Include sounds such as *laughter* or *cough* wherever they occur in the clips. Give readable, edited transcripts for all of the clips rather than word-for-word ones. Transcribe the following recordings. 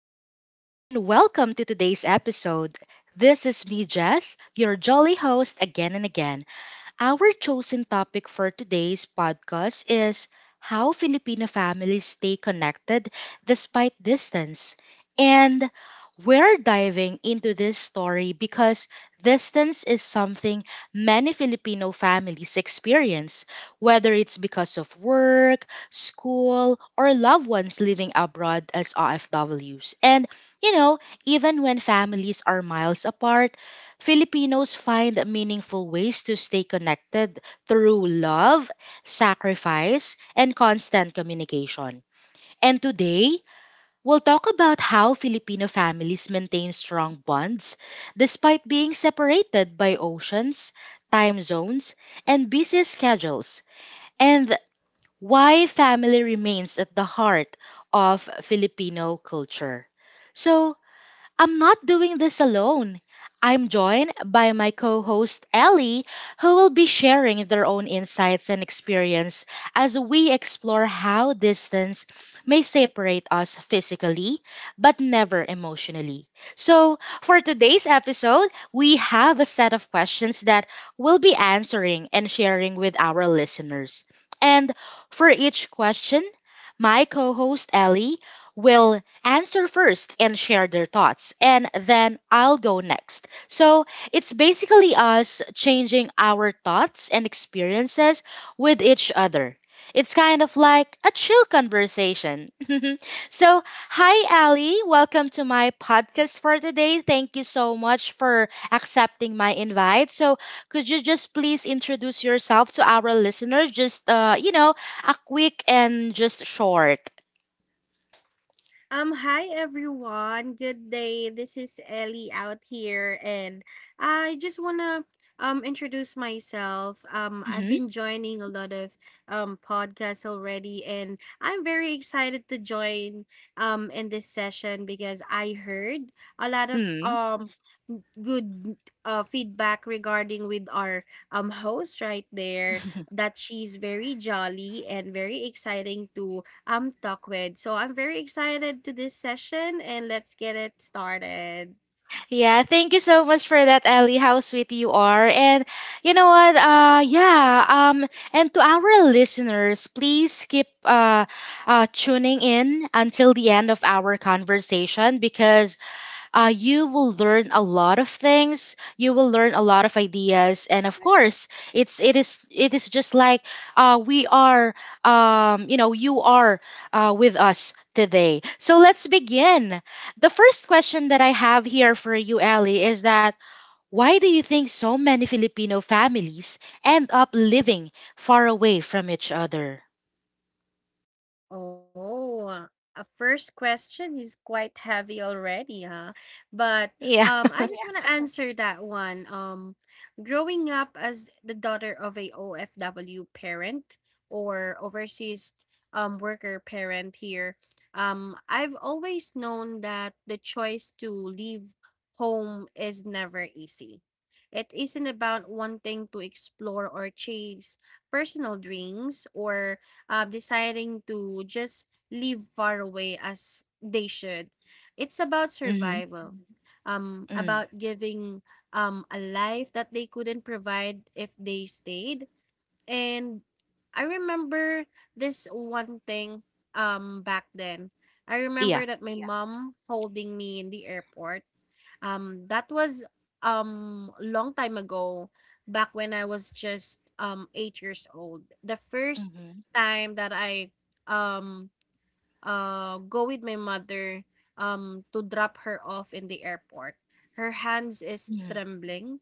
everyone, and welcome to today's episode. This is me, Jess, your jolly host again and again. Our chosen topic for today's podcast is how Filipino families stay connected despite distance. And we're diving into this story because distance is something many Filipino families experience, whether it's because of work, school, or loved ones living abroad as OFWs. And, you know, even when families are miles apart, Filipinos find meaningful ways to stay connected through love, sacrifice, and constant communication. And today, we'll talk about how Filipino families maintain strong bonds despite being separated by oceans, time zones, and busy schedules, and why family remains at the heart of Filipino culture. So, I'm not doing this alone. I'm joined by my co host Ellie, who will be sharing their own insights and experience as we explore how distance may separate us physically, but never emotionally. So, for today's episode, we have a set of questions that we'll be answering and sharing with our listeners. And for each question, my co host Ellie will answer first and share their thoughts, and then I'll go next. So it's basically us changing our thoughts and experiences with each other. It's kind of like a chill conversation. *laughs* So, hi, Ali. Welcome to my podcast for today. Thank you so much for accepting my invite. So, could you just please introduce yourself to our listeners? Just, a quick and just short. Hi everyone. Good day. This is Ellie out here and I just wanna introduce myself. I've Mm-hmm. been joining a lot of podcasts already, and I'm very excited to join in this session because I heard a lot of Mm. Good feedback regarding with our host right there, that she's very jolly and very exciting to talk with. So I'm very excited to this session, and let's get it started. Yeah, thank you so much for that, Ellie. How sweet you are. And you know what? Yeah, and to our listeners, please keep tuning in until the end of our conversation, because you will learn a lot of things, you will learn a lot of ideas, and of course it is just like, we are you know you are, with us today. So let's begin. The first question that I have here for you, Ellie, is that why do you think so many Filipino families end up living far away from each other? Oh, uh, a first question is quite heavy already, huh? But Yeah. um, I just Yeah. want to Yeah. answer that one. Growing up as the daughter of a OFW parent or overseas worker parent here, I've always known that the choice to leave home is never easy. It isn't about wanting to explore or chase personal dreams or deciding to just live far away as they should. It's about Mm-hmm. survival, Mm. about giving a life that they couldn't provide if they stayed. And I remember this one thing back then. I Yeah. remember that my Yeah. mom holding me in the airport. That was, long time ago, back when I was just, 8 years old. The first Mm-hmm. time that I, um, go with my mother, to drop her off in the airport. Her hands is Mm-hmm. trembling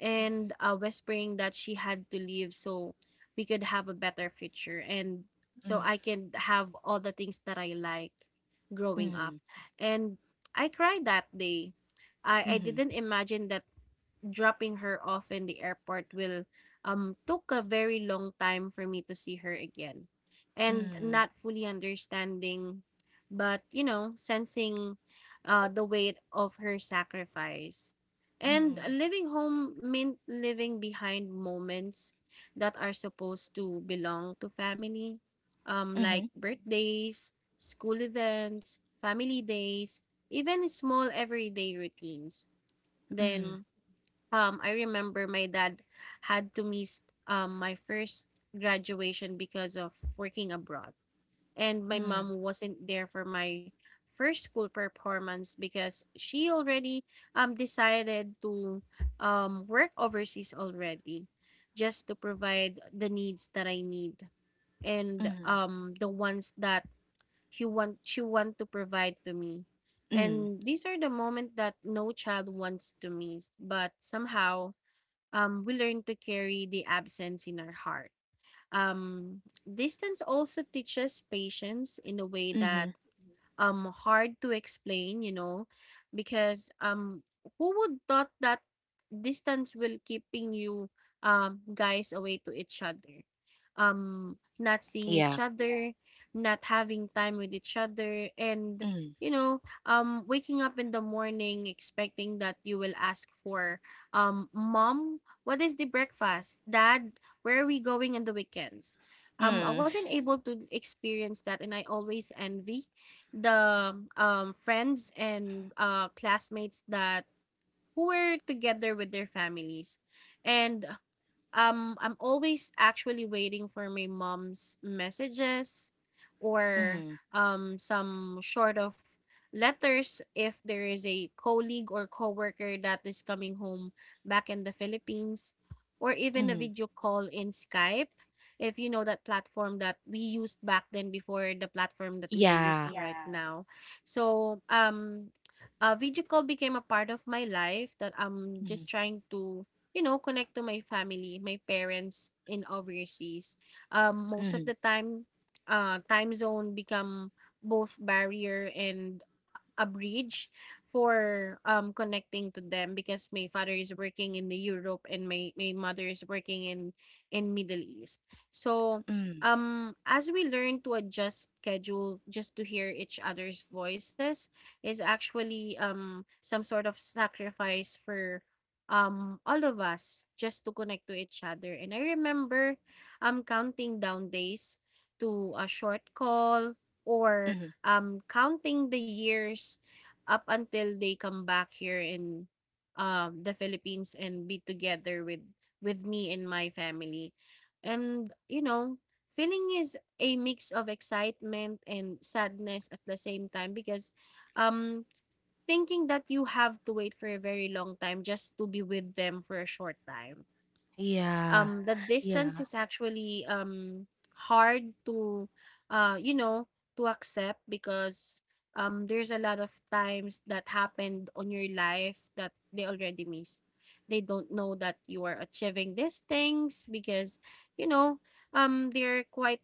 and Mm-hmm. Whispering that she had to leave so we could have a better future, and so I can have all the things that I like growing up. Mm-hmm. And I cried that day. I Mm-hmm. didn't imagine that dropping her off in the airport will took a very long time for me to see her again, and Mm-hmm. not fully understanding but you know sensing the weight of her sacrifice, and Mm. living home meant living behind moments that are supposed to belong to family, like Mhm. birthdays, school events, family days, even small everyday routines. Mm. Then I remember my dad had to miss my first graduation because of working abroad. And my Mm. mom wasn't there for my first school performance because she already decided to work overseas already, just to provide the needs that I need, and Mhm. The ones that he want she want to provide to me. Mm. And these are the moment that no child wants to miss, but somehow we learn to carry the absence in our heart. Um, Distance also teaches patience in a way that Mhm. Hard to explain, you know, because who would thought that distance will keeping you guys away to each other? Not seeing each Yeah. other, not having time with each other, and Mm. you know, waking up in the morning expecting that you will ask for mom, what is the breakfast? Dad, where are we going on the weekends? I Mm. wasn't able to experience that, and I always envy the friends and classmates that who were together with their families. And I'm always actually waiting for my mom's messages or Mhm. Some sort of letters, if there is a colleague or coworker that is coming home back in the Philippines, or even a Mhm. video call in Skype, if you know that platform that we used back then before the platform that we are Yeah. using right Yeah. now. So video call became a part of my life that I'm Mhm. just trying to you know, connect to my family, my parents in overseas. Most of Mhm. the time, time zone become both barrier and a bridge for connecting to them, because my father is working in the Europe and my mother is working in Middle East. So Mm. As we learn to adjust schedule just to hear each other's voices is actually some sort of sacrifice for all of us just to connect to each other. And I remember counting down days to a short call, or Mhm. Counting the years up until they come back here in the Philippines and be together with me and my family. And you know, feeling is a mix of excitement and sadness at the same time because um thinking that you have to wait for a very long time just to be with them for a short time. Yeah. Mm-hmm. The distance Yeah. is actually hard to you know to accept, because there's a lot of times that happened on your life that they already miss. They don't know that you are achieving these things because you know they're quite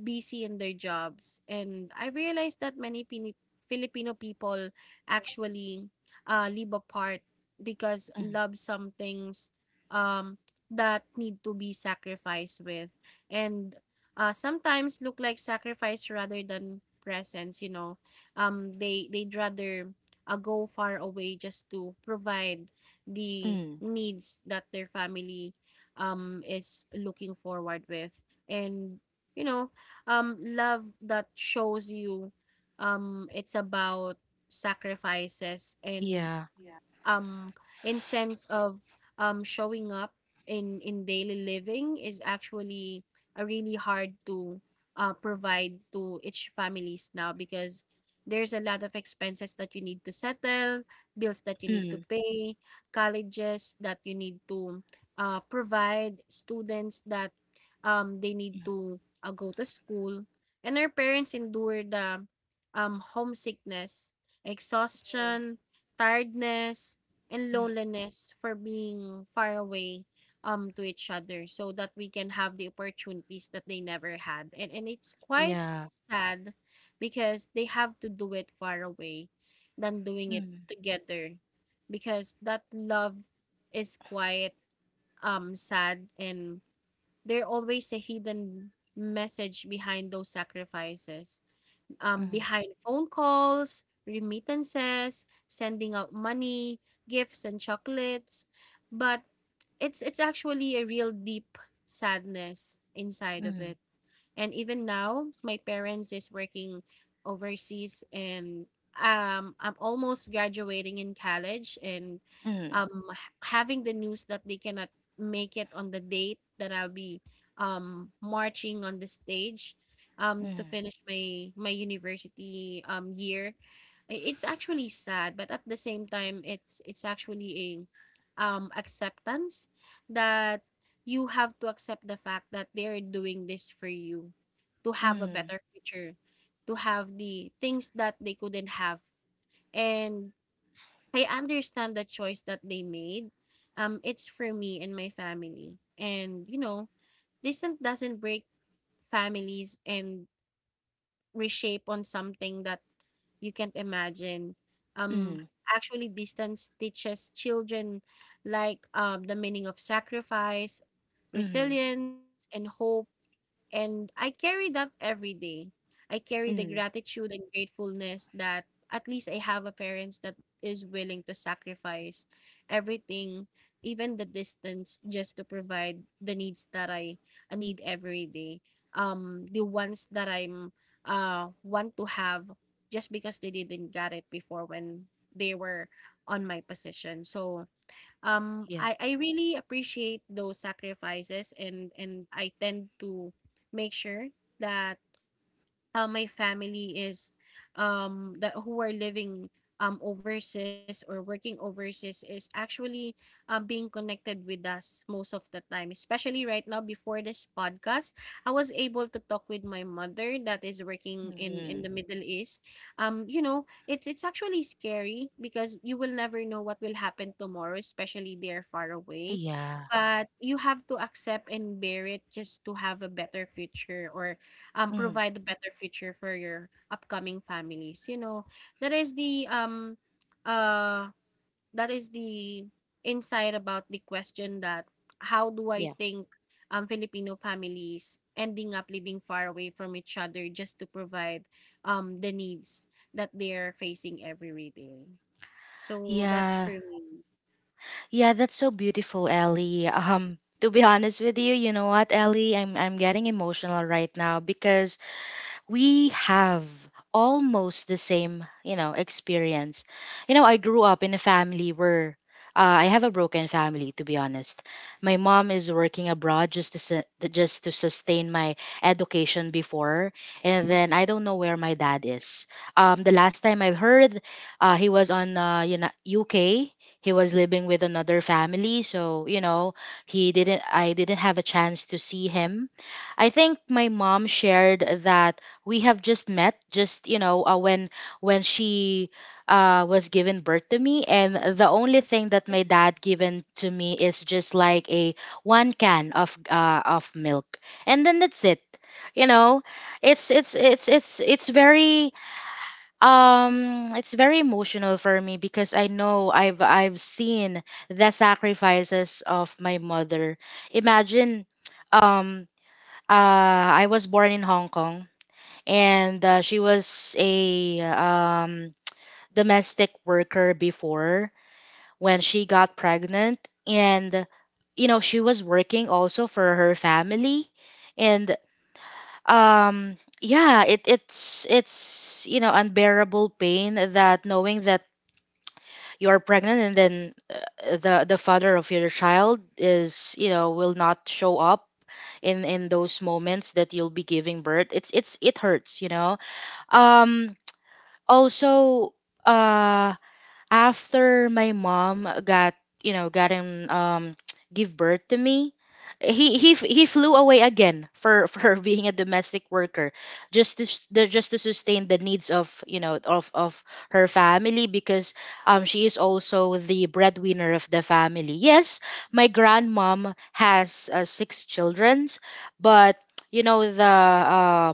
busy in their jobs. And I realized that many filipino people actually live apart because love some things um that need to be sacrificed with, and sometimes look like sacrifice rather than presence, you know. They they'd rather go far away just to provide the Mm. needs that their family is looking forward with. And you know, love that shows you, it's about sacrifices, and Yeah. Yeah. In sense of showing up in daily living is actually really hard to provide to each families now, because there's a lot of expenses that you need to settle, bills that you need to Mm. pay, colleges that you need to provide, students that they need to go to school. And our parents endure the homesickness, Mm. exhaustion, tiredness, and Mm. loneliness for being far away to each other, so that we can have the opportunities that they never had. And it's quite Yeah. sad because they have to do it far away than doing it Mm. together, because that love is quite sad, and there always a hidden message behind those sacrifices, Mhm. behind phone calls, remittances, sending out money, gifts and chocolates. But it's actually a real deep sadness inside of it. And even now, my parents is working overseas, and I'm almost graduating in college, and Mm. Having the news that they cannot make it on the date that I'll be marching on the stage Mm. To Mhm. finish my university year. It's actually sad, but at the same time, it's actually a acceptance that you have to accept the fact that they're doing this for you to have a Mm. better future, to have the things that they couldn't have. And I understand the choice that they made. It's for me and my family. And you know, distance doesn't break families and reshape on something that you can't imagine. Um, Mm. Actually, distance teaches children like the meaning of sacrifice, Mhm. resilience, and hope, and I carry that every day. I carry the Mm. gratitude and gratefulness that at least I have a parents that is willing to sacrifice everything, even the distance, just to provide the needs that I need every day. The ones that I'm want to have, just because they didn't get it before when they were on my position. So um Yeah. I I really appreciate those sacrifices, and I tend to make sure that how my family is that who are living overseas or working overseas is actually being connected with us most of the time, especially right now. Before this podcast, I was able to talk with my mother that is working in Mhm. the Middle East. You know, it's actually scary because you will never know what will happen tomorrow, especially they're far away. Yeah. But you have to accept and bear it just to have a better future, or Mhm. Yeah. Mm-hmm. Yeah. Mm-hmm. Yeah. Mm-hmm. provide a better future for your upcoming families, you know. That is the um uh that is the insight about the question that how do Yeah. Yeah. I Mm-hmm. think Filipino families ending up living far away from each other, just to provide the needs that they're facing every day. So that's Yeah. for me. Yeah, that's so beautiful, Ellie. To be honest with you, you know what, Ellie, I'm getting emotional right now because we have almost the same, experience. I grew up in a family where, I have a broken family, to be honest. My mom is working abroad just to just to sustain my education before, and then I don't know where my dad is. The last time I've heard, he was on, UK. He was living with another family, so he didn't. I didn't have a chance to see him. I think my mom shared that we have just met just when she was given birth to me, and the only thing that It's my dad given to me is just like a one can of, milk, and then that's it you know it's it's it's it's it's very it's very emotional for me, because I know I've seen the sacrifices of my mother. Imagine, um I was born in Hong Kong, and she was a domestic worker before, when she got pregnant, and she was working also for her family. And yeah, it's unbearable pain, that knowing that you're pregnant, and then, the father of your child is, will not show up in those moments that you'll be giving birth. It hurts, um also, uh after my mom got you know got him *tsk* give birth to me, he flew away again for *laughs* for being a domestic worker, just to sustain the needs of you know of her family, because she is also the breadwinner of the family, yes. My grandmom has, six children, but *tsk* the, uh,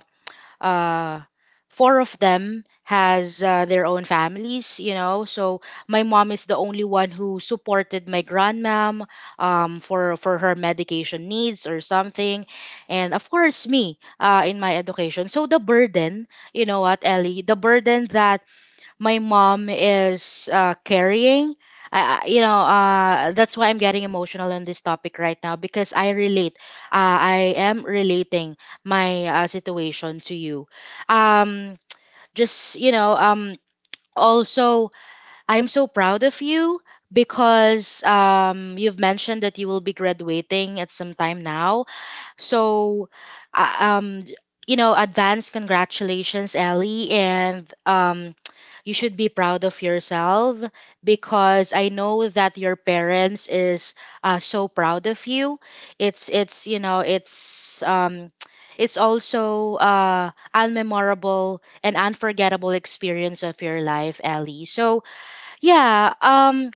uh, four of them has, their own families, so my mom is the only one who supported my grandmom, for her medication needs or something, and of course me, in my education. So the burden, you know what, Ellie, the burden that my mom is, carrying. That's why I'm getting emotional on this topic right now, because I relate. I am relating my, situation to you. Um, just, also, I'm so proud of you, because you've mentioned that you will be graduating at some time now, so, uh, um, advance congratulations, Ellie, and, you should be proud of yourself, because I know that your parents is, so proud of you. It's you know it's also, unmemorable and unforgettable experience of your life, Ellie. So yeah,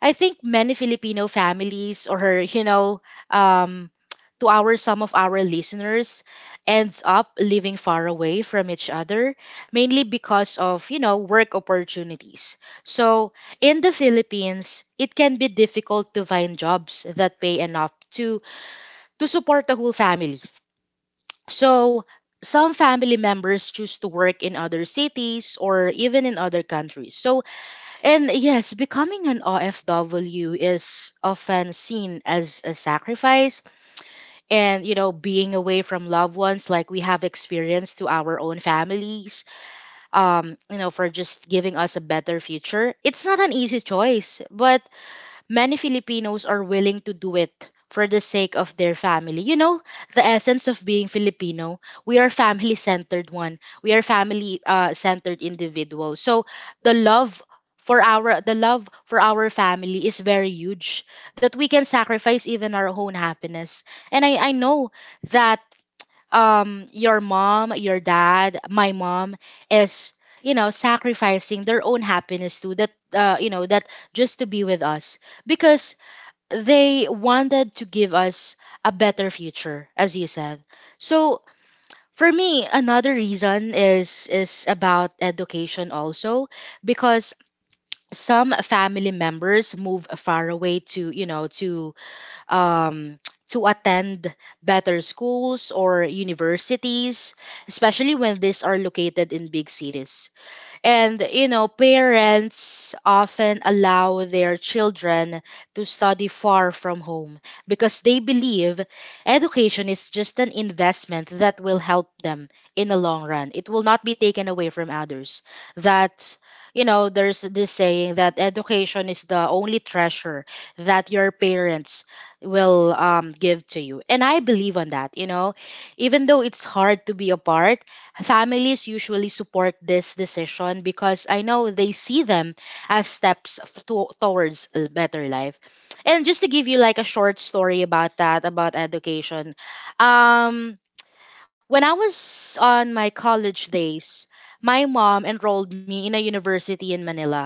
I think many Filipino families, or you know um to our some of our listeners, ends up living far away from each other mainly because of, work opportunities. So in the Philippines it can be difficult to find jobs that pay enough to support the whole family. So some family members choose to work in other cities or even in other countries. So and yes, becoming an OFW is often seen as a sacrifice, and, being away from loved ones like we have experienced to our own families, for just giving us a better future. It's not an easy choice, but many Filipinos are willing to do it for the sake of their family. The essence of being Filipino, we are family centered one. We are family, centered individuals. So the love the love for our family is very huge, that we can sacrifice even our own happiness. And I know that, your mom, your dad, my mom is, sacrificing their own happiness too, that you know that just to be with us, because they wanted to give us a better future, as you said. So for me, another reason is about education also, because some family members move far away to, um, to attend better schools or universities, especially when these are located in big cities. And, parents often allow their children to study far from home, because they believe education is just an investment that will help them in the long run. It will not be taken away from others. That's, there's this saying that education is the only treasure that your parents will, give to you. And I believe on that, even though it's hard to be apart, families usually support this decision because I know they see them as steps, towards a better life. And just to give you like a short story about that, about education, um, when I was on my college days, my mom enrolled me in a university in Manila,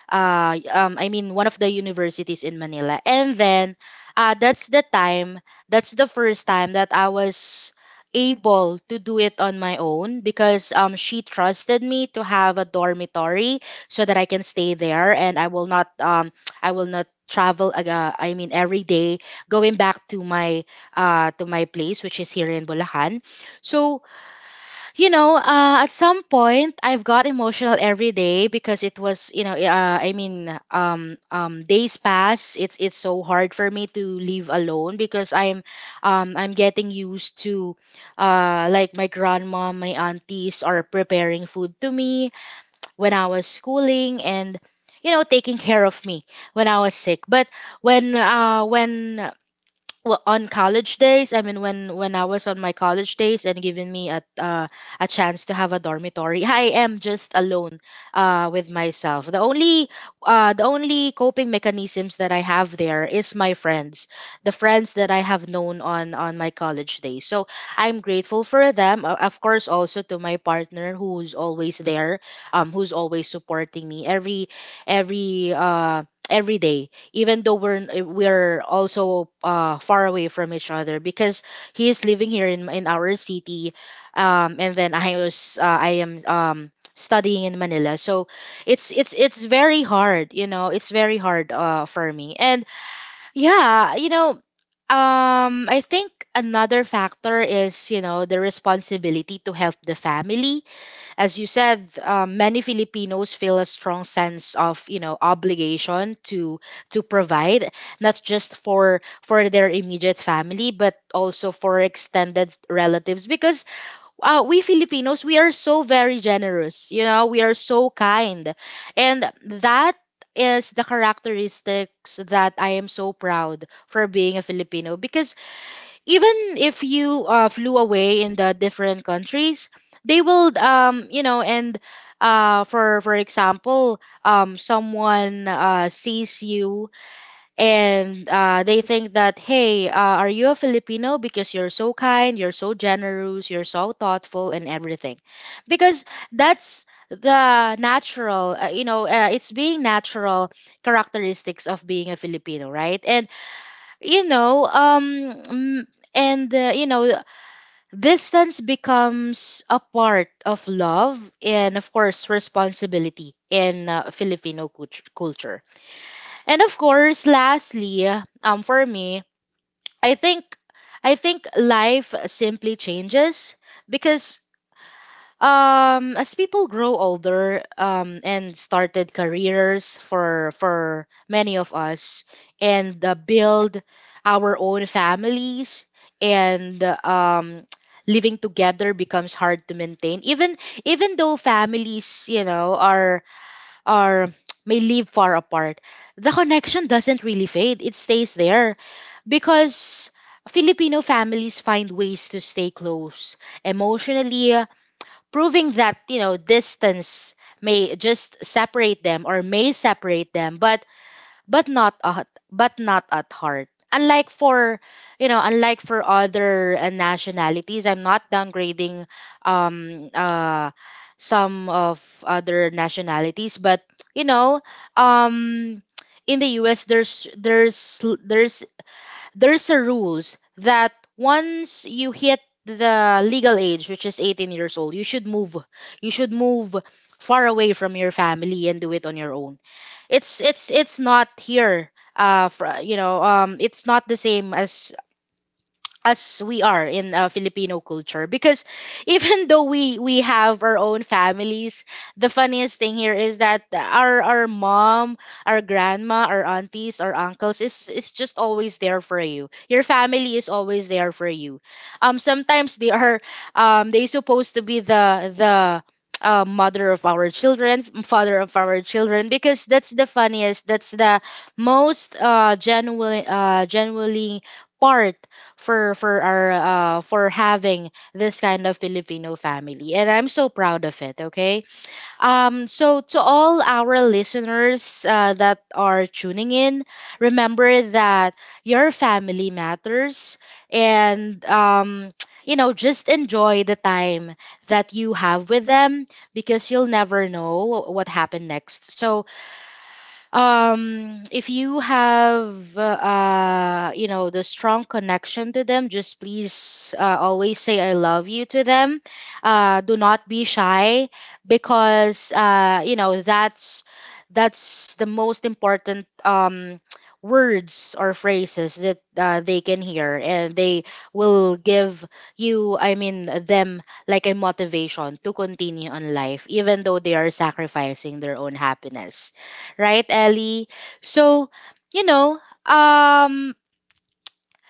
I mean, one of the universities in Manila. And then uh that's the time that's the first time that I was able to do it on my own, because she trusted me to have a dormitory so that I can stay there, and I will not *tsk* I will not travel I mean every day going back to my, to my place, which is here in Bulacan. So at some point, I've got emotional every day because it was, I mean, days pass. It's so hard for me to leave alone because I'm getting used to, like, my grandma, my aunties are preparing food to me when I was schooling, and, taking care of me when I was sick. But when well on college days, I mean when I was on my college days and given me a chance to have a dormitory *laughs* I am just alone with myself. The only coping mechanisms that I have there is my friends, the friends that I have known on my college days. So I'm grateful for them, of course also to my partner who's always there, who's always supporting me every uh every day, even though we're also far away from each other because he is living here in our city, and then I am studying in Manila. So it's very hard, you know. It's very hard for me. And yeah, I think another factor is, you know, the responsibility to help the family. As you said, many Filipinos feel a strong sense of, you know, obligation to provide, not just for their immediate family but also for extended relatives, because we Filipinos, we are so very generous, you know, we are so kind. And that is the characteristics that I am so proud for being a Filipino, because even if you flew away in the different countries, they will you know, and for example, someone sees you and they think that, hey, are you a Filipino? Because you're so kind, you're so generous, you're so thoughtful and everything. Because that's the natural you know, it's being natural characteristics of being a Filipino, right? And you know, and you know, distance becomes a part of love and of course responsibility in Filipino culture. And of course, lastly, for me, i think I think life simply changes, because as people grow older, and started careers for many of us, and build our own families. And *tsk* living together becomes hard to maintain. Even though families, you know, are are *tsk* may live far apart, the connection doesn't really fade, it stays there, because Filipino families find ways to stay close emotionally, proving that, you know, distance may separate them, but but not at heart. Unlike for, you know, unlike for other nationalities, I'm not downgrading um uh some of other nationalities, but you know, um in the US, there's a rules that once you hit the legal age, which is 18 years old, you should move. You should move far away from your family and do it on your own. It's not here. It's not the same as we are in Filipino culture, because even though we have our own families, the funniest thing here is that our mom, our grandma, our aunties, our uncles is just always there for you, your family is always there for you. Sometimes they are they supposed to be the mother of our children, father of our children, because that's the funniest, that's the most genuine, genuinely part for our for having this kind of Filipino family, and I'm so proud of it. Okay, so to all our listeners that are tuning in, remember that your family matters, and *tsk* you know, just enjoy the time that you have with them, because you'll never know what happened next. So if you have you know the strong connection to them, just please always say I love you to them. Do not be shy, because you know, that's the most important words or phrases that they can hear, and they will give you I mean them like a motivation to continue on life, even though they are sacrificing their own happiness, right, Ellie? So, you know, um,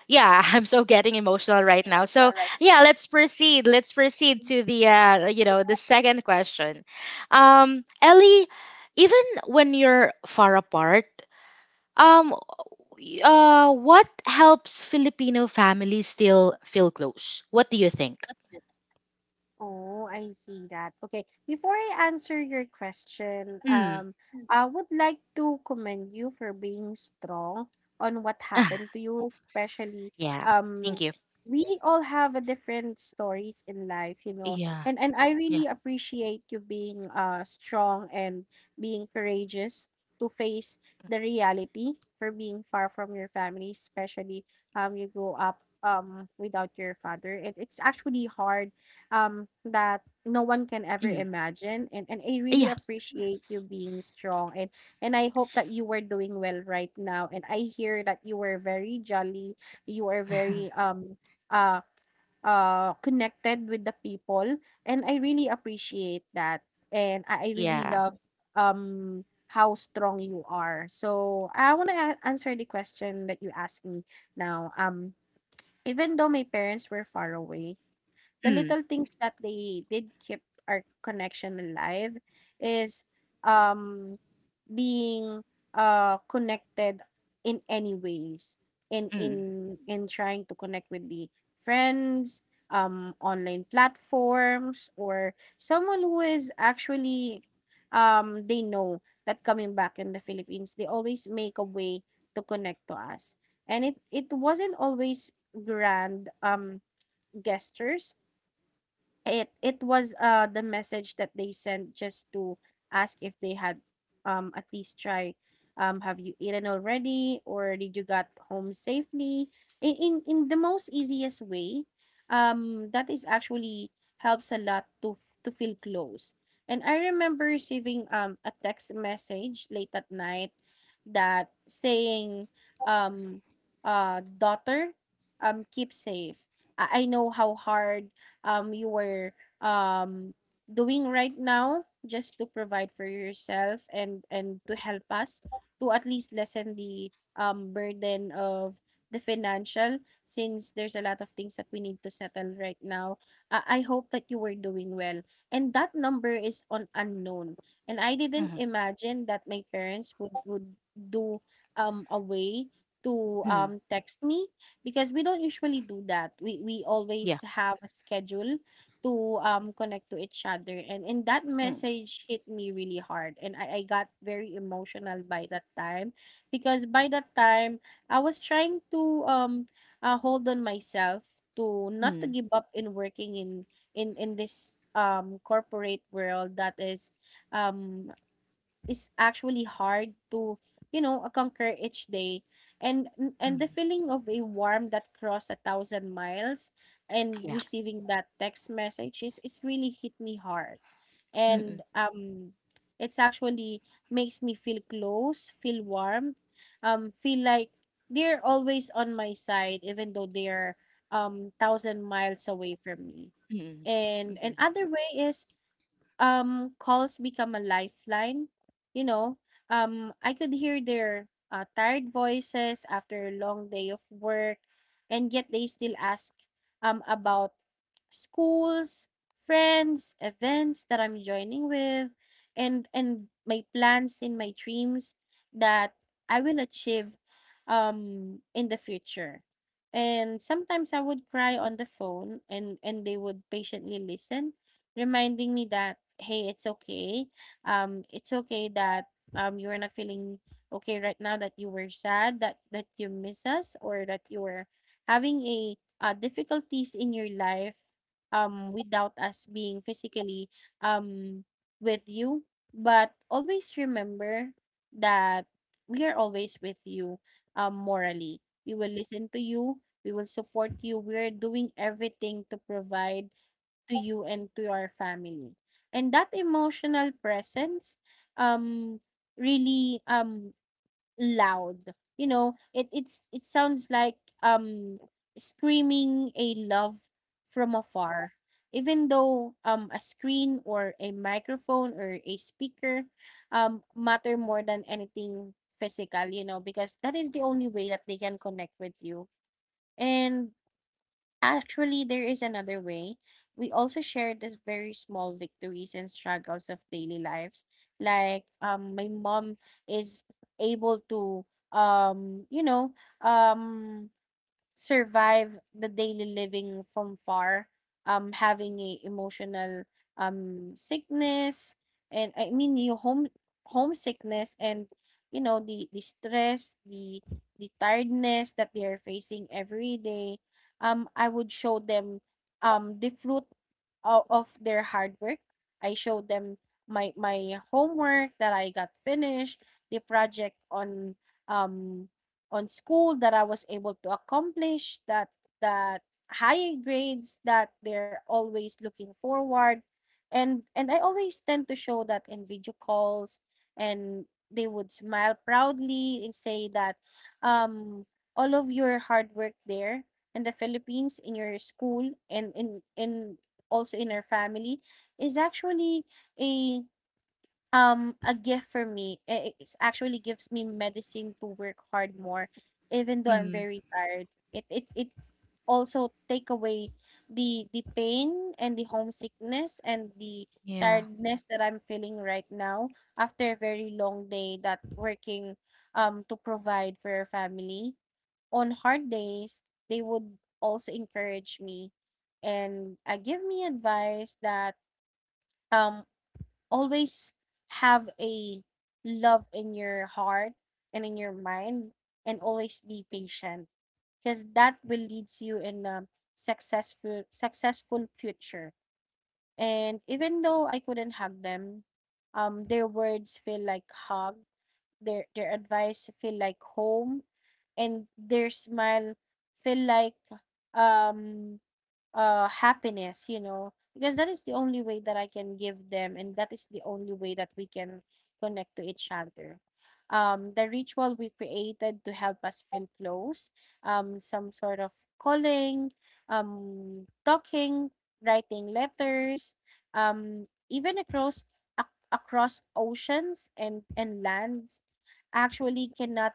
yeah, *laughs* I'm so getting emotional right now. emotional, So, right? yeah, let's proceed. Let's proceed to the, the second question. Ellie, even when you're far apart, um, what helps Filipino families still feel close? What do you think? Oh, I see that. Okay. Before I answer your question, Mm. *laughs* Mm. I would like to commend you for being strong on what Ah, happened to you, especially yeah. Thank um you. we all have a different stories in life, you know. Yeah. And I Yeah. really appreciate you being strong and being courageous to face the reality for being far from your family, especially you grow up without your father. It's actually hard that no one can ever Mm. imagine, and I really Yeah. appreciate you being strong. And I hope that you were doing well right now, and I hear that you were very jolly. You were very uh connected with the people, and I really appreciate that. And I really Yeah. love um how strong you are, so I want to answer the question that you asked me now. Even though my parents were far away, the Mm. little things that they did keep our connection alive is um being connected in any ways, in Mm. in in trying to connect with the friends, online platforms, or someone who is actually they know that coming back in the Philippines, they always make a way to connect to us. And it wasn't always grand gestures. It was the message that they sent just to ask if they had at least try, have you eaten already, or did you got home safely, in the most easiest way that is actually helps a lot to to feel close. And I remember receiving a text message late at night that saying, um "Daughter, keep safe. I know how hard you were um doing right now just to provide for yourself, and to help us to at least lessen the burden of the financial, since there's a lot of things that we need to settle right now. I hope that you were doing well." And that number is on unknown, and I didn't Mm. imagine that my parents would do a way to Mm. Text me, because we don't usually do that. We Yeah. always have a schedule to connect to each other. And that Mm. message hit me really hard, and I got very emotional by that time. Because by that time I was trying to hold on myself to not to Mm. give up in working in this corporate world that um is actually hard to, you know, conquer each day. And and the Mm. feeling of a warm that crossed a thousand miles and Yeah. receiving that text message is really hit me hard. And Mm-mm. It's actually makes me feel close, feel warm, feel like they're always on my side even though they're thousand miles away from me. Mm-mm. And Mm-mm. another way is, calls become a lifeline, you know. I could hear their tired voices after a long day of work, and yet they still ask about schools, friends, events that I'm joining with, and my plans and my dreams that I will achieve in the future. And sometimes I would cry on the phone, and they would patiently listen, reminding me that, "Hey, it's okay. It's okay that you are not feeling okay right now. That you were sad. That you miss us, or that you were having a difficulties in your life. Without us being physically um with you, but always remember that we are always with you. Morally, we will listen to you. We will support you. We are doing everything to provide to you and to your family. And that emotional presence um really loud. You know, it sounds like um screaming a love from afar. Even though a screen or a microphone or a speaker matter more than anything physical, you know, because that is the only way that they can connect with you." And actually, there is another way. We also share these very small victories and struggles of daily lives. Like, my mom is able to, you know, um survive the daily living from far, having a emotional sickness, and I mean you home homesickness, and, you know, the stress, the tiredness that they are facing every day. I would show them the fruit of their hard work. I showed them my homework that I got finished, the project um on school that I was able to accomplish, that that high grades that they're always looking forward, and I always tend to show that in video calls. And they would smile proudly and say that, um "All of your hard work there in the Philippines, in your school, and in also in our family is actually a a gift for me. It actually gives me medicine to work hard more, even though I'm Mm. very tired. It also take away the pain and the homesickness and the Yeah. tiredness that I'm feeling right now after a very long day that working to provide for your family." On hard days, they would also encourage me and, give me advice that, um always have a love in your heart and in your mind, and always be patient, because that will leads you in a successful future. And even though I couldn't hug them, their words feel like hug, their advice feel like home, and their smile feel like um happiness, you know, because that is the only way that I can give them, and that is the only way that we can connect to each other. Um, the ritual we created to help us feel close, some sort of calling, talking, writing letters, even ac- across oceans and lands, actually cannot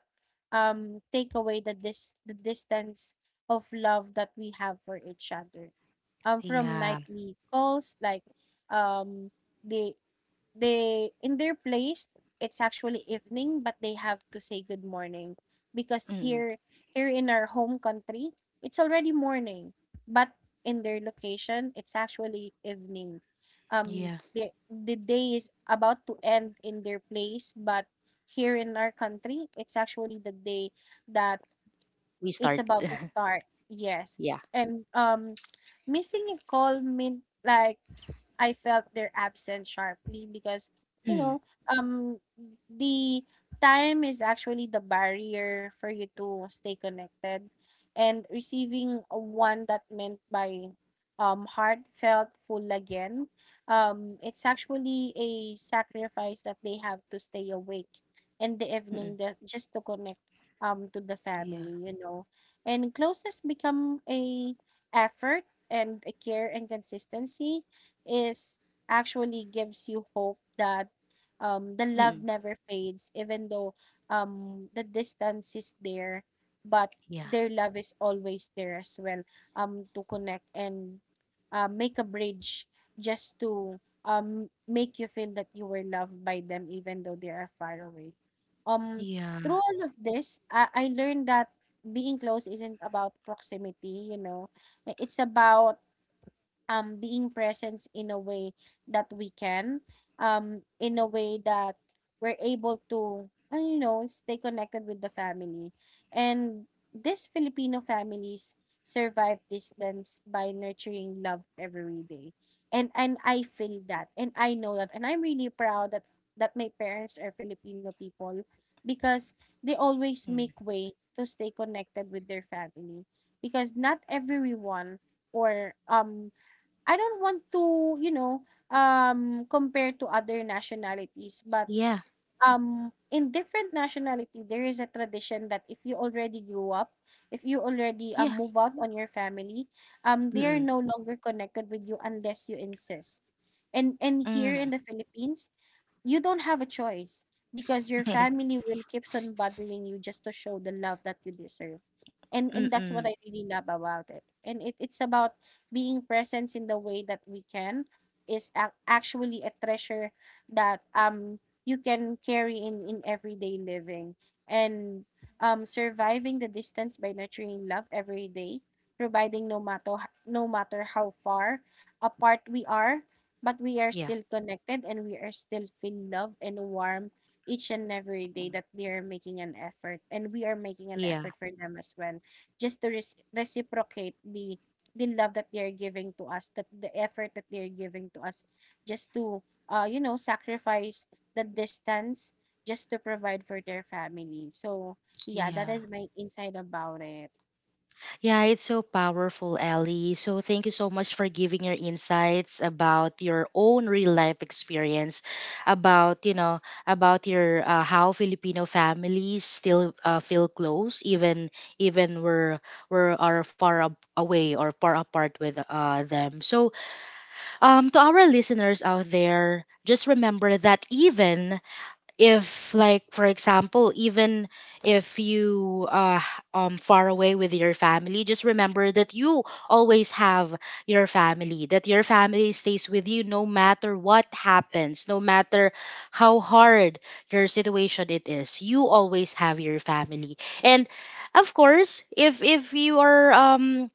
take away the dis the distance of love that we have for each other. From Yeah. nightly calls, like, um, they they in their place it's actually evening, but they have to say good morning, because Mm. here here in our home country it's already morning, but in their location it's actually evening. Yeah. The day is about to end in their place, but here in our country it's actually the day that We it's start. about to start. Yes. Yeah. And missing a call meant like I felt their absence sharply because, you Mm. know, um the time is actually the barrier for you to stay connected. And receiving a one that meant by heartfelt full again, it's actually a sacrifice that they have to stay awake in the evening Mm-mm. that just to connect to the Yeah. family, you know. And closeness become a effort, and a care and consistency is actually gives you hope that the love Mm. never fades, even though the distance is there, but Yeah. their love is always there as well, to connect and, make a bridge just to make you feel that you were loved by them, even though they are far away. um Yeah. Through all of this, I learned that being close isn't about proximity, you know. Eh, it's about being present in a way that we can, in a way that we're able to, you know, stay connected with the family. And these Filipino families survive distance by nurturing love every day. And I feel that, and I know that, and I'm really proud that my parents are Filipino people, because they always Mm. make way to stay connected with their family. Because not everyone or I don't want to, you know, compare to other nationalities, but Yeah. In different nationality, there is a tradition that if you already grew up, if you already, Yeah. move out on your family, they are Mm-mm. no longer connected with you unless you insist. And here in Mm. the Philippines, you don't have a choice, because your *laughs* family will keeps on bothering you just to show the love that you deserve. And that's what I Mm-mm. really love about it. And it's about being present in the way that we can is actually a treasure that you can carry in everyday living. And surviving the distance by nurturing love every day, providing, no matter no matter how far apart we are, but we are Yeah. still connected and we are still feel love and warm, each and every day, Mm. that they are making an effort and we are making an Yeah. effort for them as well, just to reciprocate the love that they are giving to us, that the effort that they are giving to us, just to, you know, sacrifice the distance just to provide for their family. So, yeah, that Yeah. is my insight about it. Yeah, it's so powerful, Ellie. So thank you so much for giving your insights about your own real life experience, about you know about your how Filipino families still feel close, even even we're are far away or far apart with them. So to our listeners out there, just remember that, even if, like for example, even if you far away with your family, just remember that you always have your family, that your family stays with you no matter what happens, no matter how hard your situation it is, you always have your family. And of course, if you are um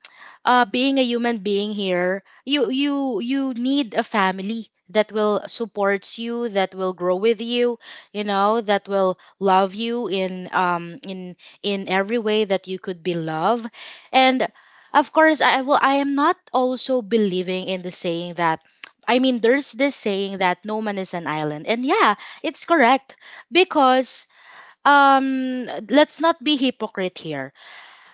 uh, being a human being here, you need a family that will supports you, that will grow with you, you know, that will love you in every way that you could be loved. And of course I will, I am not also believing in the saying that, I mean, there's this saying that no man is an island. And yeah, it's correct, because let's not be hypocrite here.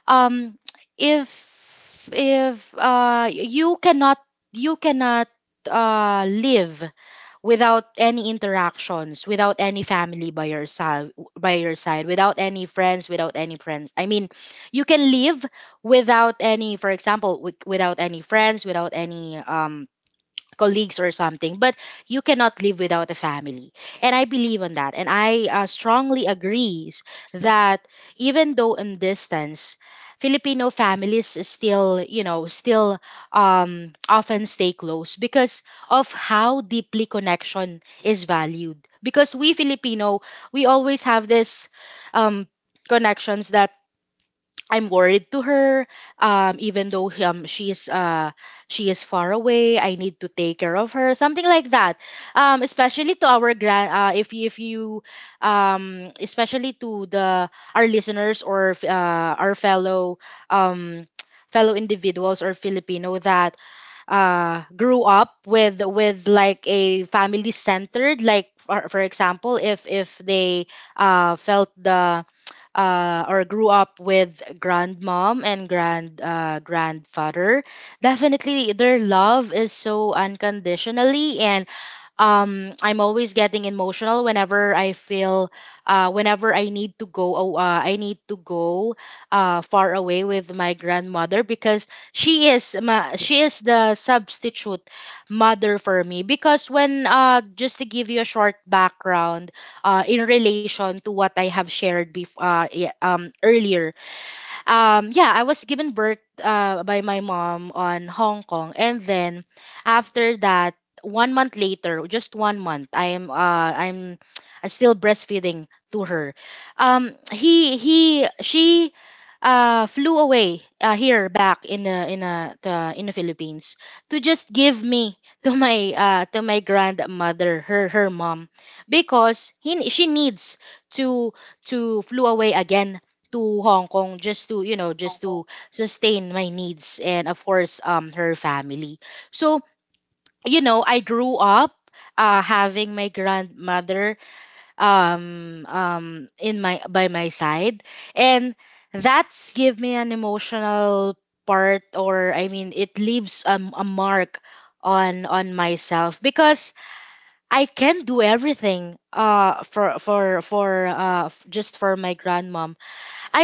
um if you cannot, you cannot live without any interactions, without any family by your side, without any friends, I mean, you can live without any, for example, without any friends, without any colleagues or something, but you cannot live without a family. And I believe on that, and I strongly agrees that, even though in distance, Filipino families still, you know, still often stay close because of how deeply connection is valued, because we Filipino, we always have this um, connections that I'm worried to her. Even though she is far away, I need to take care of her. Something like that. Especially to our grand if you especially to the our listeners or our fellow um *tsk* fellow individuals or Filipino that grew up with like a family centered, like for example, if they felt the or grew up with grandmom and grandfather, definitely their love is so unconditionally. And I'm always getting emotional whenever I feel whenever I need to go, oh, I need to go far away with my grandmother, because she is the substitute mother for me. Because when just to give you a short background in relation to what I have shared before, earlier, yeah I was given birth by my mom on Hong Kong, and then, after that, 1 month later, just 1 month, I'm *tsk* still breastfeeding to her. He She flew away here back in the in the Philippines, to just give me *laughs* to my grandmother, her mom, because he she needs to flew away again to Hong Kong, just to, you Hong know, Kong. just to sustain my needs and of course her family. So you know, I grew up having my grandmother um um in my by my side. And that's give me an emotional part, or I mean, it leaves a mark on myself, because I can do everything for just for my grandma. I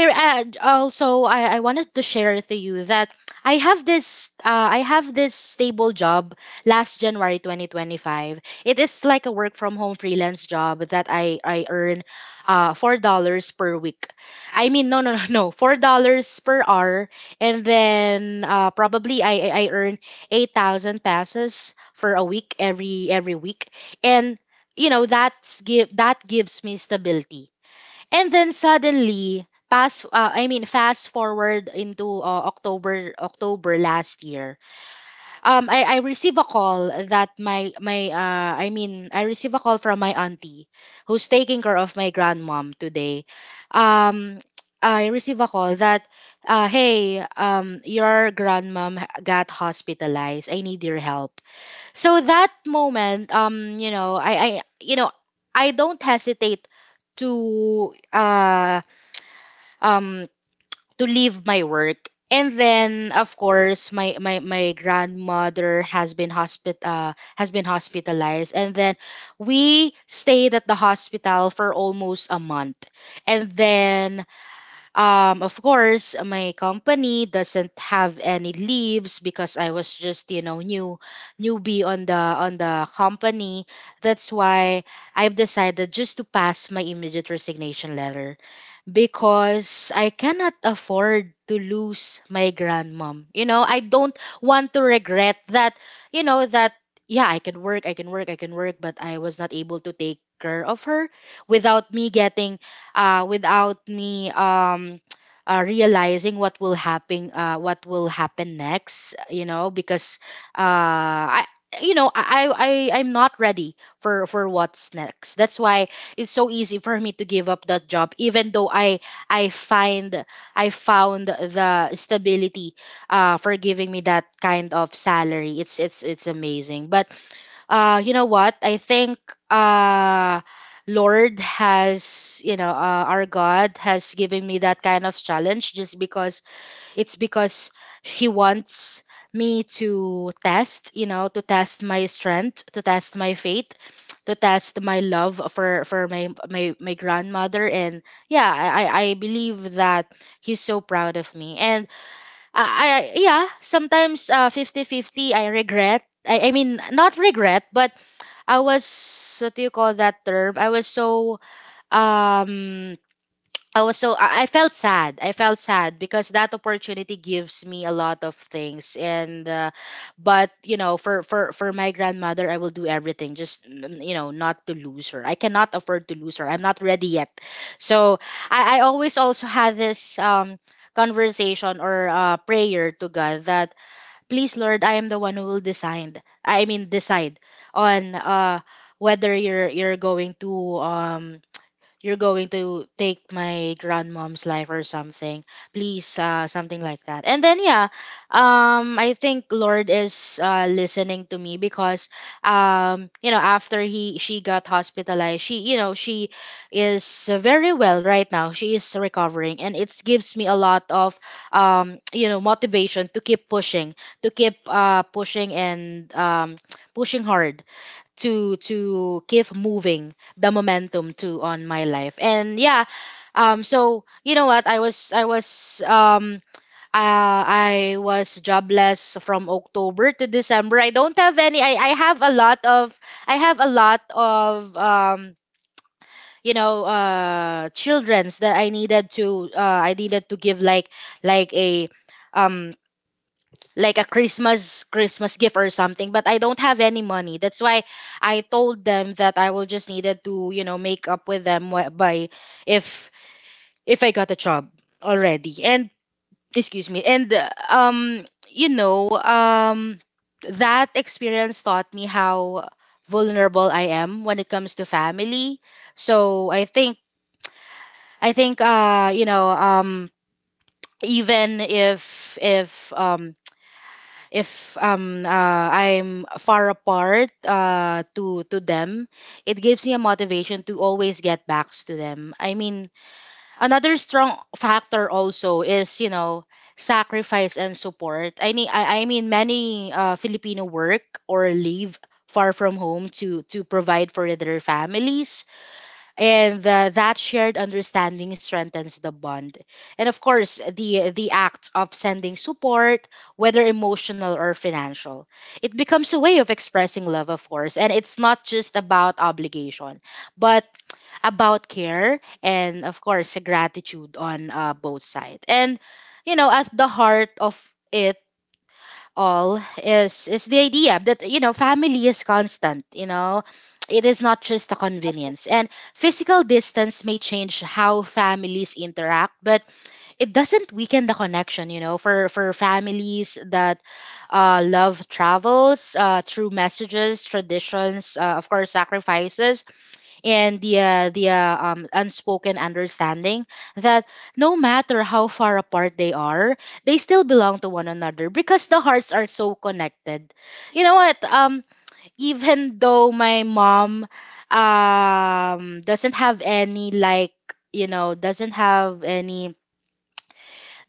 Also, I wanted to share with you that I have this uh, I have this stable job last January 2025. It is like a work from home freelance job that I earn $4 per week. I mean, no, *laughs* no, $4 per hour. And then probably I earn 8,000 passes for a week, every week. And you know, that gives me stability. And then suddenly, pass I mean, fast forward into October last year. I receive a call that my I mean I receive a call from my auntie who's taking care of my grandmom today. Um I receive a call that, hey, your grandmom got hospitalized, I need your help. So that moment, you know, I you know, I don't hesitate to uh um to leave my work. And then of course, my grandmother has been hospitalized. And then we stayed at the hospital for almost a month. And then of course, my company doesn't have any leaves, because I was just, you know, newbie on the company. That's why I've decided just to pass my immediate resignation letter, because I cannot afford to lose my grandmom. I don't want to regret that, you know, that yeah, I can work, I can work, I can work, but I was not able to take care of her without me getting without me *tsk* realizing what will happen next, you know, because I you know, I- I'm not ready for what's next. That's why it's so easy for me to give up that job even though i find I found the stability for giving me that kind of salary. It's it's amazing, but you know what I think, uh lord has you know our God has given me that kind of challenge just because it's because he wants me to test, you know, to test my strength, to test my faith, to test my love for my grandmother. And yeah, I believe that he's so proud of me. And I yeah, sometimes 50 fifty I regret. I mean, not regret, but I was, what do you call that term, I was so um I felt sad. I felt sad because that opportunity gives me a lot of things. And but you know, for my grandmother, I will do everything just not to lose her. I cannot afford to lose her. I'm not ready yet. So I always also had this conversation or prayer to God that, please Lord, I am the one who will decide. I mean, decide on whether you're going to, um you're going to take my grandmom's life or something, please, something like that. And then yeah, I think Lord is, listening to me because, you know, after he she got hospitalized, she, you know, she is very well right now. She is recovering, and it gives me a lot of *tsk* you know, motivation to keep pushing, to keep pushing and *tsk* pushing hard, to keep moving the momentum to on my life. And yeah, so you know what, I was I was jobless from October to December. I don't have any. I have a lot of, I have a lot of you know, children's that I needed to, give, like, like a um like a Christmas gift or something, but I don't have any money. That's why I told them that I will just needed to, you know, make up with them by, if if I got a job already. And excuse me. And you know, that experience taught me how vulnerable I am when it comes to family. So I think, you know, even if, I'm far apart to them, it gives me a motivation to always get back to them. I mean, another strong factor also is, you know, sacrifice and support. I mean, I mean, many Filipino work or leave far from home to provide for their families. And that shared understanding strengthens the bond, and of course the act of sending support, whether emotional or financial, it becomes a way of expressing love, of course. And it's not just about obligation, but about care and of course gratitude on, both sides. And you know, at the heart of it all is the idea that, you know, family is constant, you know, it is not just a convenience. And physical distance may change how families interact, but it doesn't weaken the connection, you know, for families. That love travels through messages, traditions, of course sacrifices, and the, unspoken understanding that no matter how far apart they are, they still belong to one another because the hearts are so connected. You know what? Even though my mom doesn't have any, like, you know, doesn't have any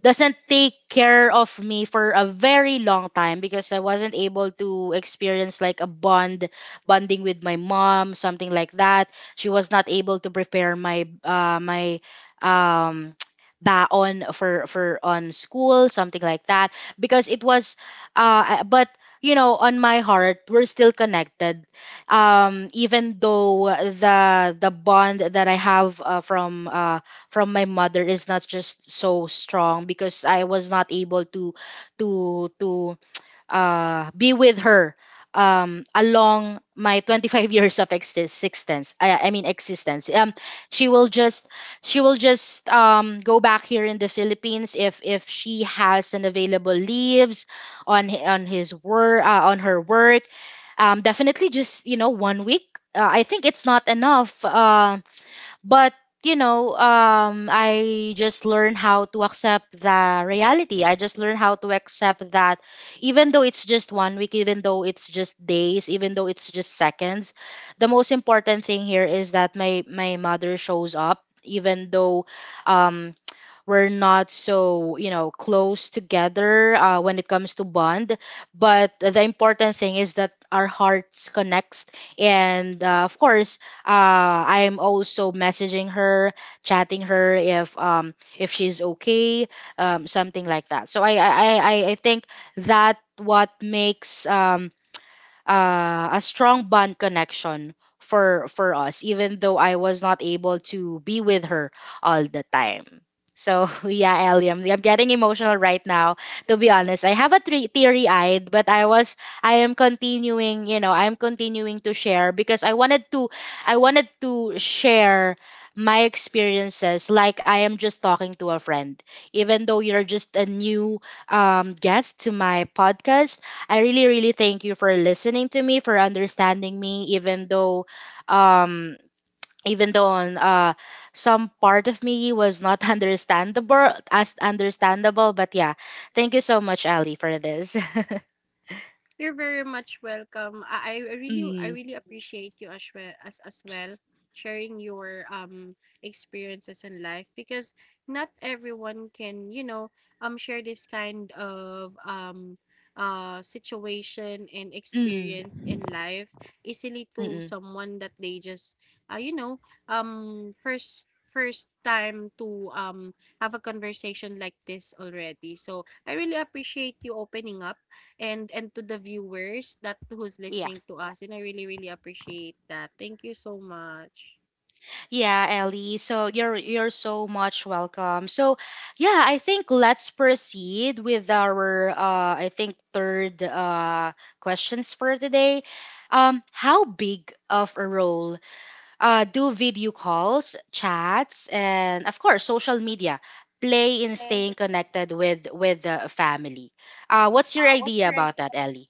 doesn't take care of me for a very long time, because I wasn't able to experience, like, a bond, bonding with my mom, something like that. She was not able to prepare my my um *tsk* baon for on school, something like that, because it was, but you know, on my heart, we're still connected. Even though the bond that I have, from my mother, is not just so strong, because I was not able to to to be with her along my 25 *laughs* years of existence. I mean, existence. She will just, go back here in the Philippines if she has an available leaves on, on his work, on her work. Definitely just, you know, 1 week, I think it's not enough, But you know, I just learned how to accept the reality. I just learned how to accept that even though it's just 1 week, even though it's just days, even though it's just seconds, the most important thing here is that my mother shows up, even though, um we're not so, you know, close together when it comes to bond, but the important thing is that our hearts connects. And of course, I'm also messaging her, chatting her if, if she's okay, something like that. So I think that what makes, a strong bond connection for us, even though I was not able to be with her all the time. So *laughs* yeah, Ellie, I'm getting emotional right now. To be honest, I have a teary-eyed, but I am continuing, you know, I'm continuing to share because I wanted to share my experiences, like I am just talking to a friend. Even though you're just a new, guest to my podcast, I really, really thank you for listening to me, for understanding me, um, even though on some part of me was not *laughs* understandable, as understandable. But yeah, thank you so much, Ali, for this. *laughs* You're very much welcome. I Mm, really appreciate you as well, as well, sharing your experiences in life, because not everyone can, you know, share this kind of situation and mm, experience in life easily to mm. someone that they just, you know, first time to have a conversation like this already. So I really appreciate you opening up, and to the viewers that who's Yeah. listening to us, and I really really appreciate that. Thank you so much. Yeah, Ellie. So you're so much welcome. So yeah, I think let's proceed with our I think third questions for today. How big of a role do video calls, chats, and of course, social media play in Okay. staying connected with the family. What's your What's idea the right? about that, Ellie?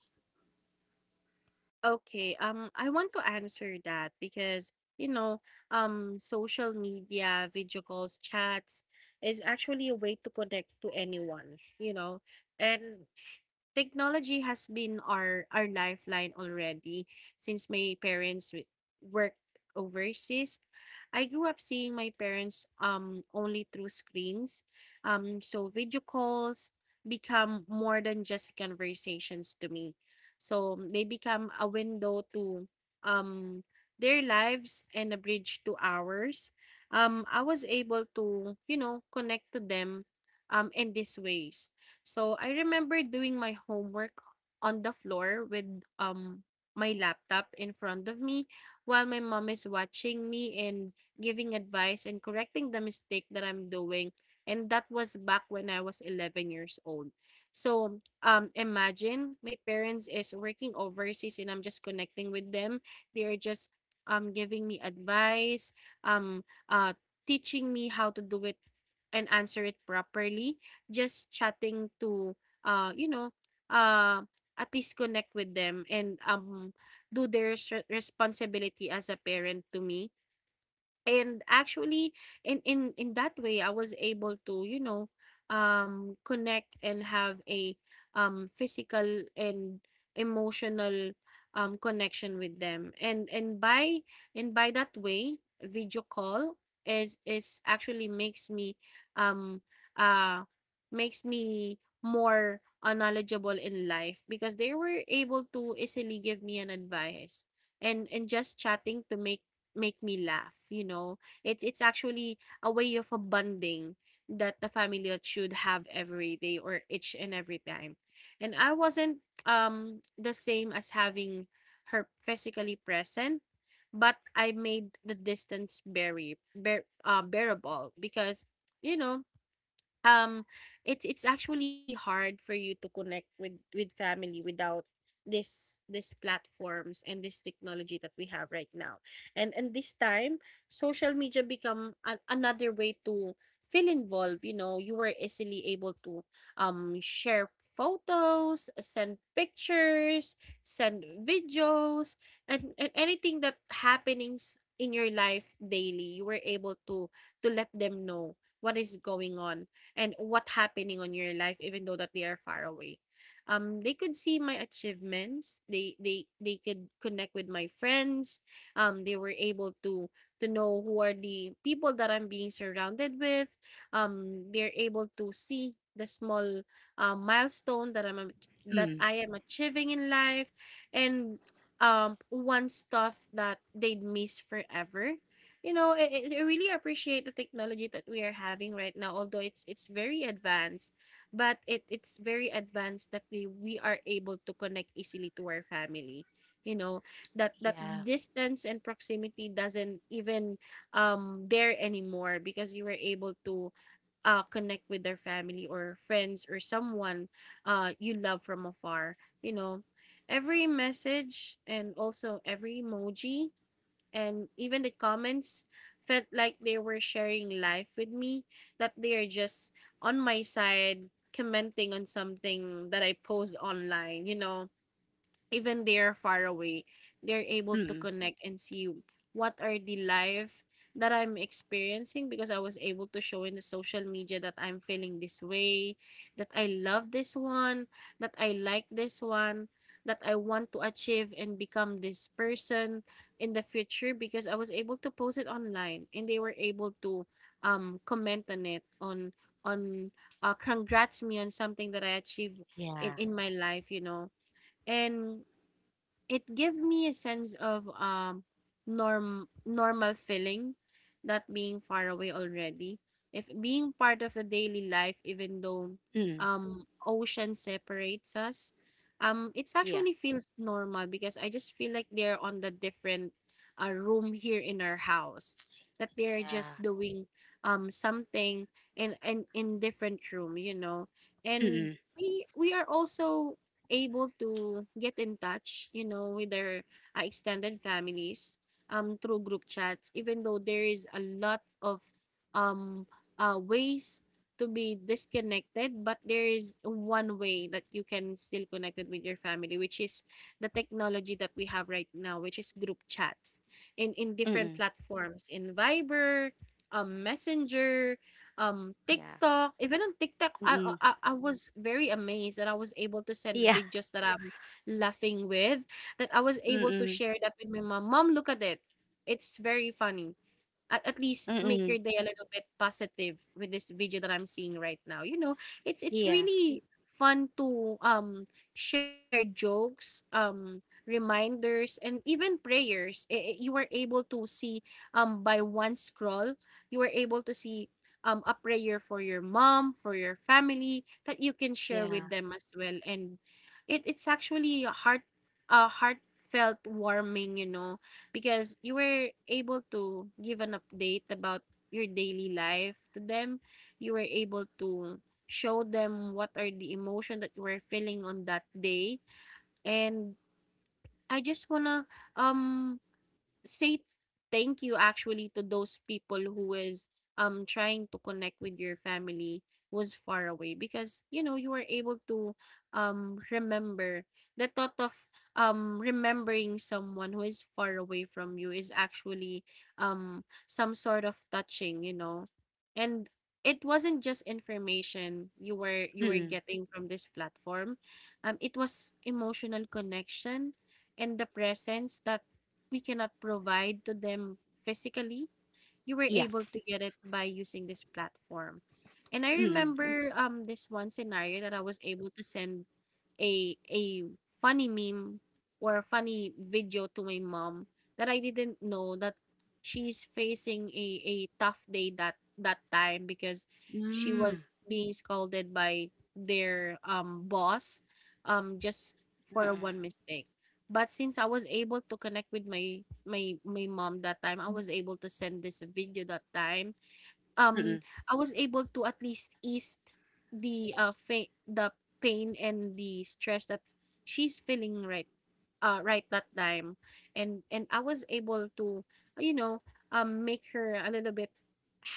Okay, I want to answer that because, you know, social media, video calls, chats is actually a way to connect to anyone, you know. And technology has been our lifeline already since my parents worked overseas. I grew up seeing my parents only through screens. So video calls become more than just conversations to me. So they become a window to um their lives and a bridge to ours. I was able to connect to them in these ways. So, I remember doing my homework on the floor with um my laptop in front of me, while my mom is watching me and giving advice and correcting the mistake that I'm doing. And that was back when I was 11 years old. So, imagine my parents is working overseas and I'm just connecting with them. They are just giving me advice, um uh teaching me how to do it and answer it properly, just chatting to, uh, you know, uh, at least connect with them and do their responsibility as a parent to me. And actually, in that way I was able to, connect and have a physical and emotional connection with them. And by that way, video call is actually makes me, um uh makes me more, knowledgeable in life, because they were able to easily give me an advice. And just chatting to make me laugh, you know. It's actually a way of a bonding that the family that should have every day or each and every time. And I wasn't the same as having her physically present, but I made the distance very bearable, because, you know um it's actually hard for you to connect with family without this platforms and this technology that we have right now. And this time, social media become an, another way to feel involved. You know, you were easily able to share photos, send pictures, send videos, and anything that happenings in your life daily. You were able to let them know what is going on and what happening on your life even though that they are far away. They could see my achievements. They could connect with my friends. They were able to know who are the people that I'm being surrounded with. They're able to see the small, milestone that that Mm, I am achieving in life, and one stuff that they'd miss forever. You know, I really appreciate the technology that we are having right now. Although it's very advanced, but it's very advanced that we are able to connect easily to our family. You know that yeah. distance and proximity doesn't even there anymore, because you were able to, connect with their family or friends or someone, you love from afar. You know, every message and also every emoji and even the comments felt like they were sharing life with me, that they are just on my side, commenting on something that I post online. You know, even they're far away, they're able to Mm, connect and see what are the life that I'm experiencing, because I was able to show in the social media that I'm feeling this way, that I love this one, that I like this one, that I want to achieve and become this person in the future, because I was able to post it online and they were able to comment on it on congrats me on something that I achieved yeah. in my life, you know. And it give me a sense of normal feeling, not being far away already, if being part of the daily life, even though Mm, ocean separates us. It's yeah. actually feels normal, because I just feel like they're on the different, room here in our house, that they're Yeah. just doing something in different room, you know. And Mm, we are also able to get in touch, you know, with their, extended families through group chats, even though there is a lot of, um ways to be disconnected, but there is one way that you can still connected with your family, which is the technology that we have right now, which is group chats in mm, different mm, platforms: in Viber, Messenger, yeah. TikTok. Even on TikTok, Mm, I, I mm, I I was very amazed that I was able to send yeah. videos that I'm laughing with, that I was able to Mm, share that with my mom. Mom, look at it. It's very funny. At mm, least mm, make mm, your day a little bit positive with this video that I'm seeing right now. You know, it's yeah. really fun to share jokes, reminders, and even prayers. You were able to see by one scroll, you were able to see a prayer for your mom, for your family, that you can share with Yeah. them as well. And it's actually a heartfelt warming, you know, because you were able to give an update about your daily life to them. You were able to show them what are the emotion that you were feeling on that day. And I just wanna um say thank you actually to those people who is trying to connect with your family was far away, because you know you were able to remember the thought of remembering someone who is far away from you is actually some sort of touching, you know. And it wasn't just information you were Mm, getting from this platform. It was emotional connection and the presence that we cannot provide to them physically, you were yeah. able to get it by using this platform. And I Mm, remember this one scenario that I was able to send a funny meme or a funny video to my mom, that I didn't know that she's facing a tough day that time, because she mm, was being scolded by their boss, just mm, for a one mistake. But since I was able to connect with my mom that time, I was able to send this video that time. um, mm, I was able to at least ease the pain and the stress that she's feeling right that time. And I was able to, you know, make her a little bit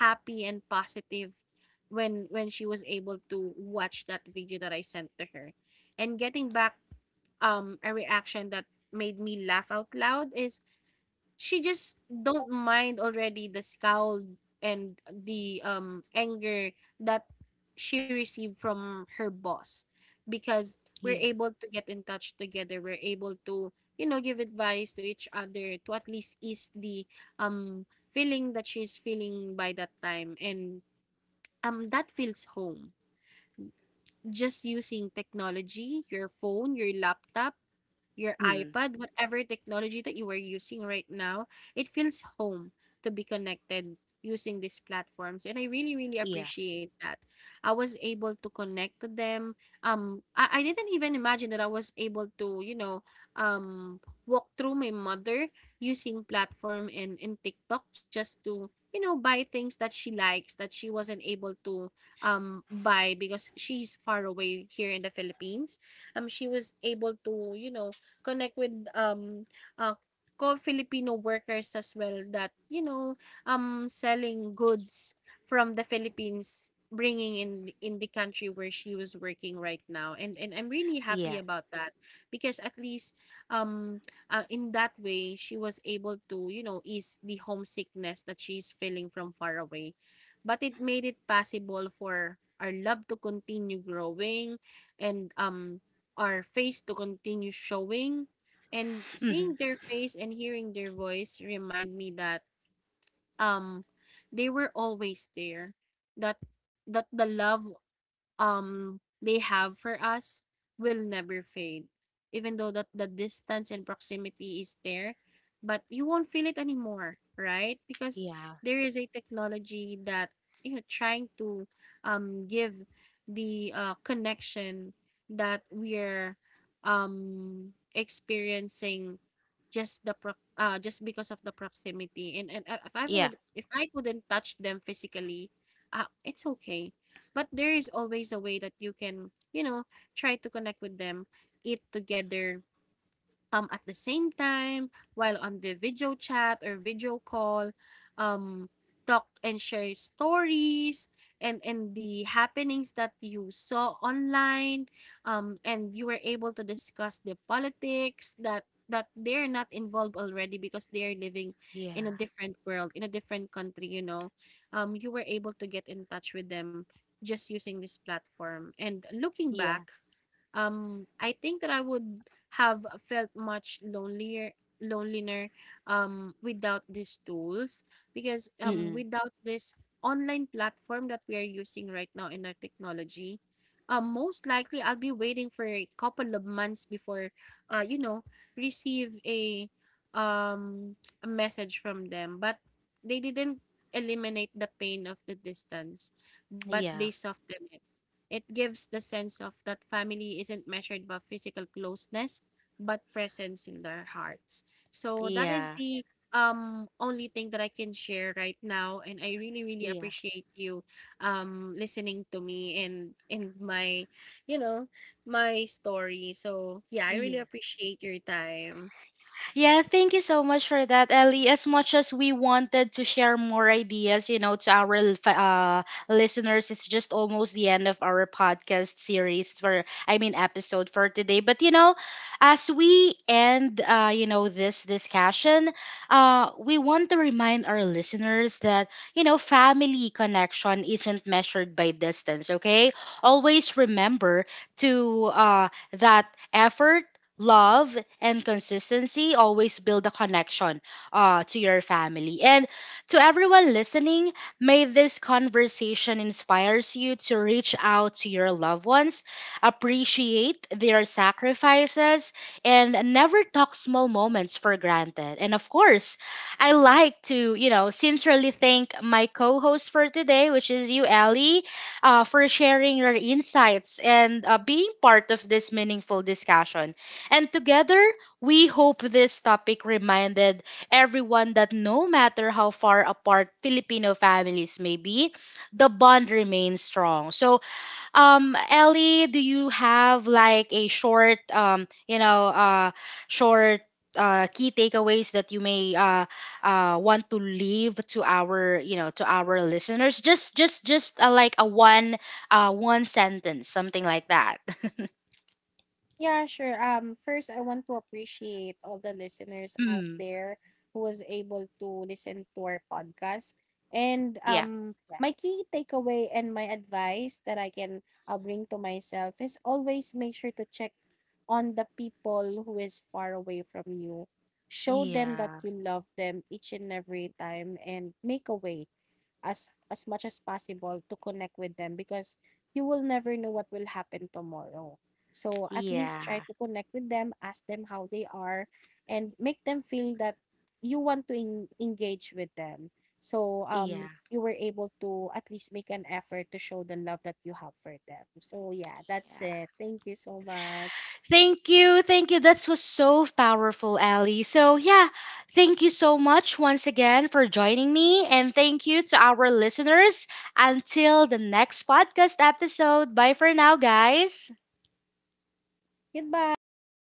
happy and positive when she was able to watch that video that I sent to her. And getting back a reaction that made me laugh out loud is she just don't mind already the scowl and the anger that she received from her boss, because we're yeah. able to get in touch together. We're able to, you know, give advice to each other, to at least ease the um feeling that she's feeling by that time. And that feels home, just using technology, your phone, your laptop, your Mm, iPad, whatever technology that you were using right now, it feels home to be connected using these platforms. And I really, really yeah. appreciate that. I was able to connect to them. I didn't even imagine that I was able to, you know, um, walk through my mother using platform and TikTok, just to, you know, buy things that she likes that she wasn't able to buy, because she's far away here in the Philippines. She was able to, you know, connect with uh, co-Filipino workers as well, that you know selling goods from the Philippines, bringing in the country where she was working right now. And I'm really happy Yeah. about that, because at least, um in that way she was able to, you know, ease the homesickness that she's feeling from far away. But it made it possible for our love to continue growing, and our face to continue showing. And seeing Mm, their face and hearing their voice remind me that um they were always there, that that the love um they have for us will never fade, even though that the distance and proximity is there, but you won't feel it anymore, right? Because yeah. there is a technology that, you know, trying to give the, connection that we're experiencing. Just the just because of the proximity. And, if I Yeah. would, if I couldn't touch them physically, it's okay, but there is always a way that you can, you know, try to connect with them, eat together at the same time while on the video chat or video call, um talk and share stories, and the happenings that you saw online. And you were able to discuss the politics that they're not involved already, because they are living in a Yeah. different world, in a different country, you know. You were able to get in touch with them just using this platform. And looking back, Yeah. I think that I would have felt much lonelier without these tools, because Mm, mm, without this online platform that we are using right now in our technology, most likely I'll be waiting for a couple of months before, you know, receive a um message from them. But they didn't eliminate the pain of the distance, but they yeah. soften it. It gives the sense of that family isn't measured by physical closeness, but presence in their hearts. So that is Yeah, the only thing that I can share right now. And I really, really yeah, appreciate you listening to me and my, you know, my story. So yeah, I really yeah. appreciate your time. Yeah, thank you so much for that, Ellie. As much as we wanted to share more ideas, you know, to our listeners, it's just almost the end of our podcast series for, I mean, episode for today. But, you know, as we end, you know, this discussion, we want to remind our listeners that, you know, family connection isn't measured by distance, okay? Always remember to, that effort, love and consistency always build a connection to your family. And to everyone listening, may this conversation inspires you to reach out to your loved ones, appreciate their sacrifices, and never talk small moments for granted. And of course, I like to, you know, sincerely thank my co-host for today, which is you, Ellie, for sharing your insights and being part of this meaningful discussion. And together, we hope this topic reminded everyone that no matter how far apart Filipino families may be, the bond remains strong. So, Ellie, do you have like a short, you know, short key takeaways that you may want to leave to our, you know, to our listeners? Just like a one, one sentence, something like that. *laughs* Yeah, sure. First, I want to appreciate all the listeners out Mm, there who was able to listen to our podcast. And yeah. Yeah. My key takeaway and my advice that I can, bring to myself is always make sure to check on the people who is far away from you. Show them that Yeah. you love them each and every time, and make a way as much as possible to connect with them, because you will never know what will happen tomorrow. So at least try Yeah, to connect with them, ask them how they are, and make them feel that you want to engage with them. So yeah, you were able to at least make an effort to show the love that you have for them. So yeah, that's yeah. it. Thank you so much. Thank you, thank you. That was so powerful, Ali. So, yeah, thank you so much once again for joining me, and thank you to our listeners. Until the next podcast episode, bye for now, guys. Goodbye. Thank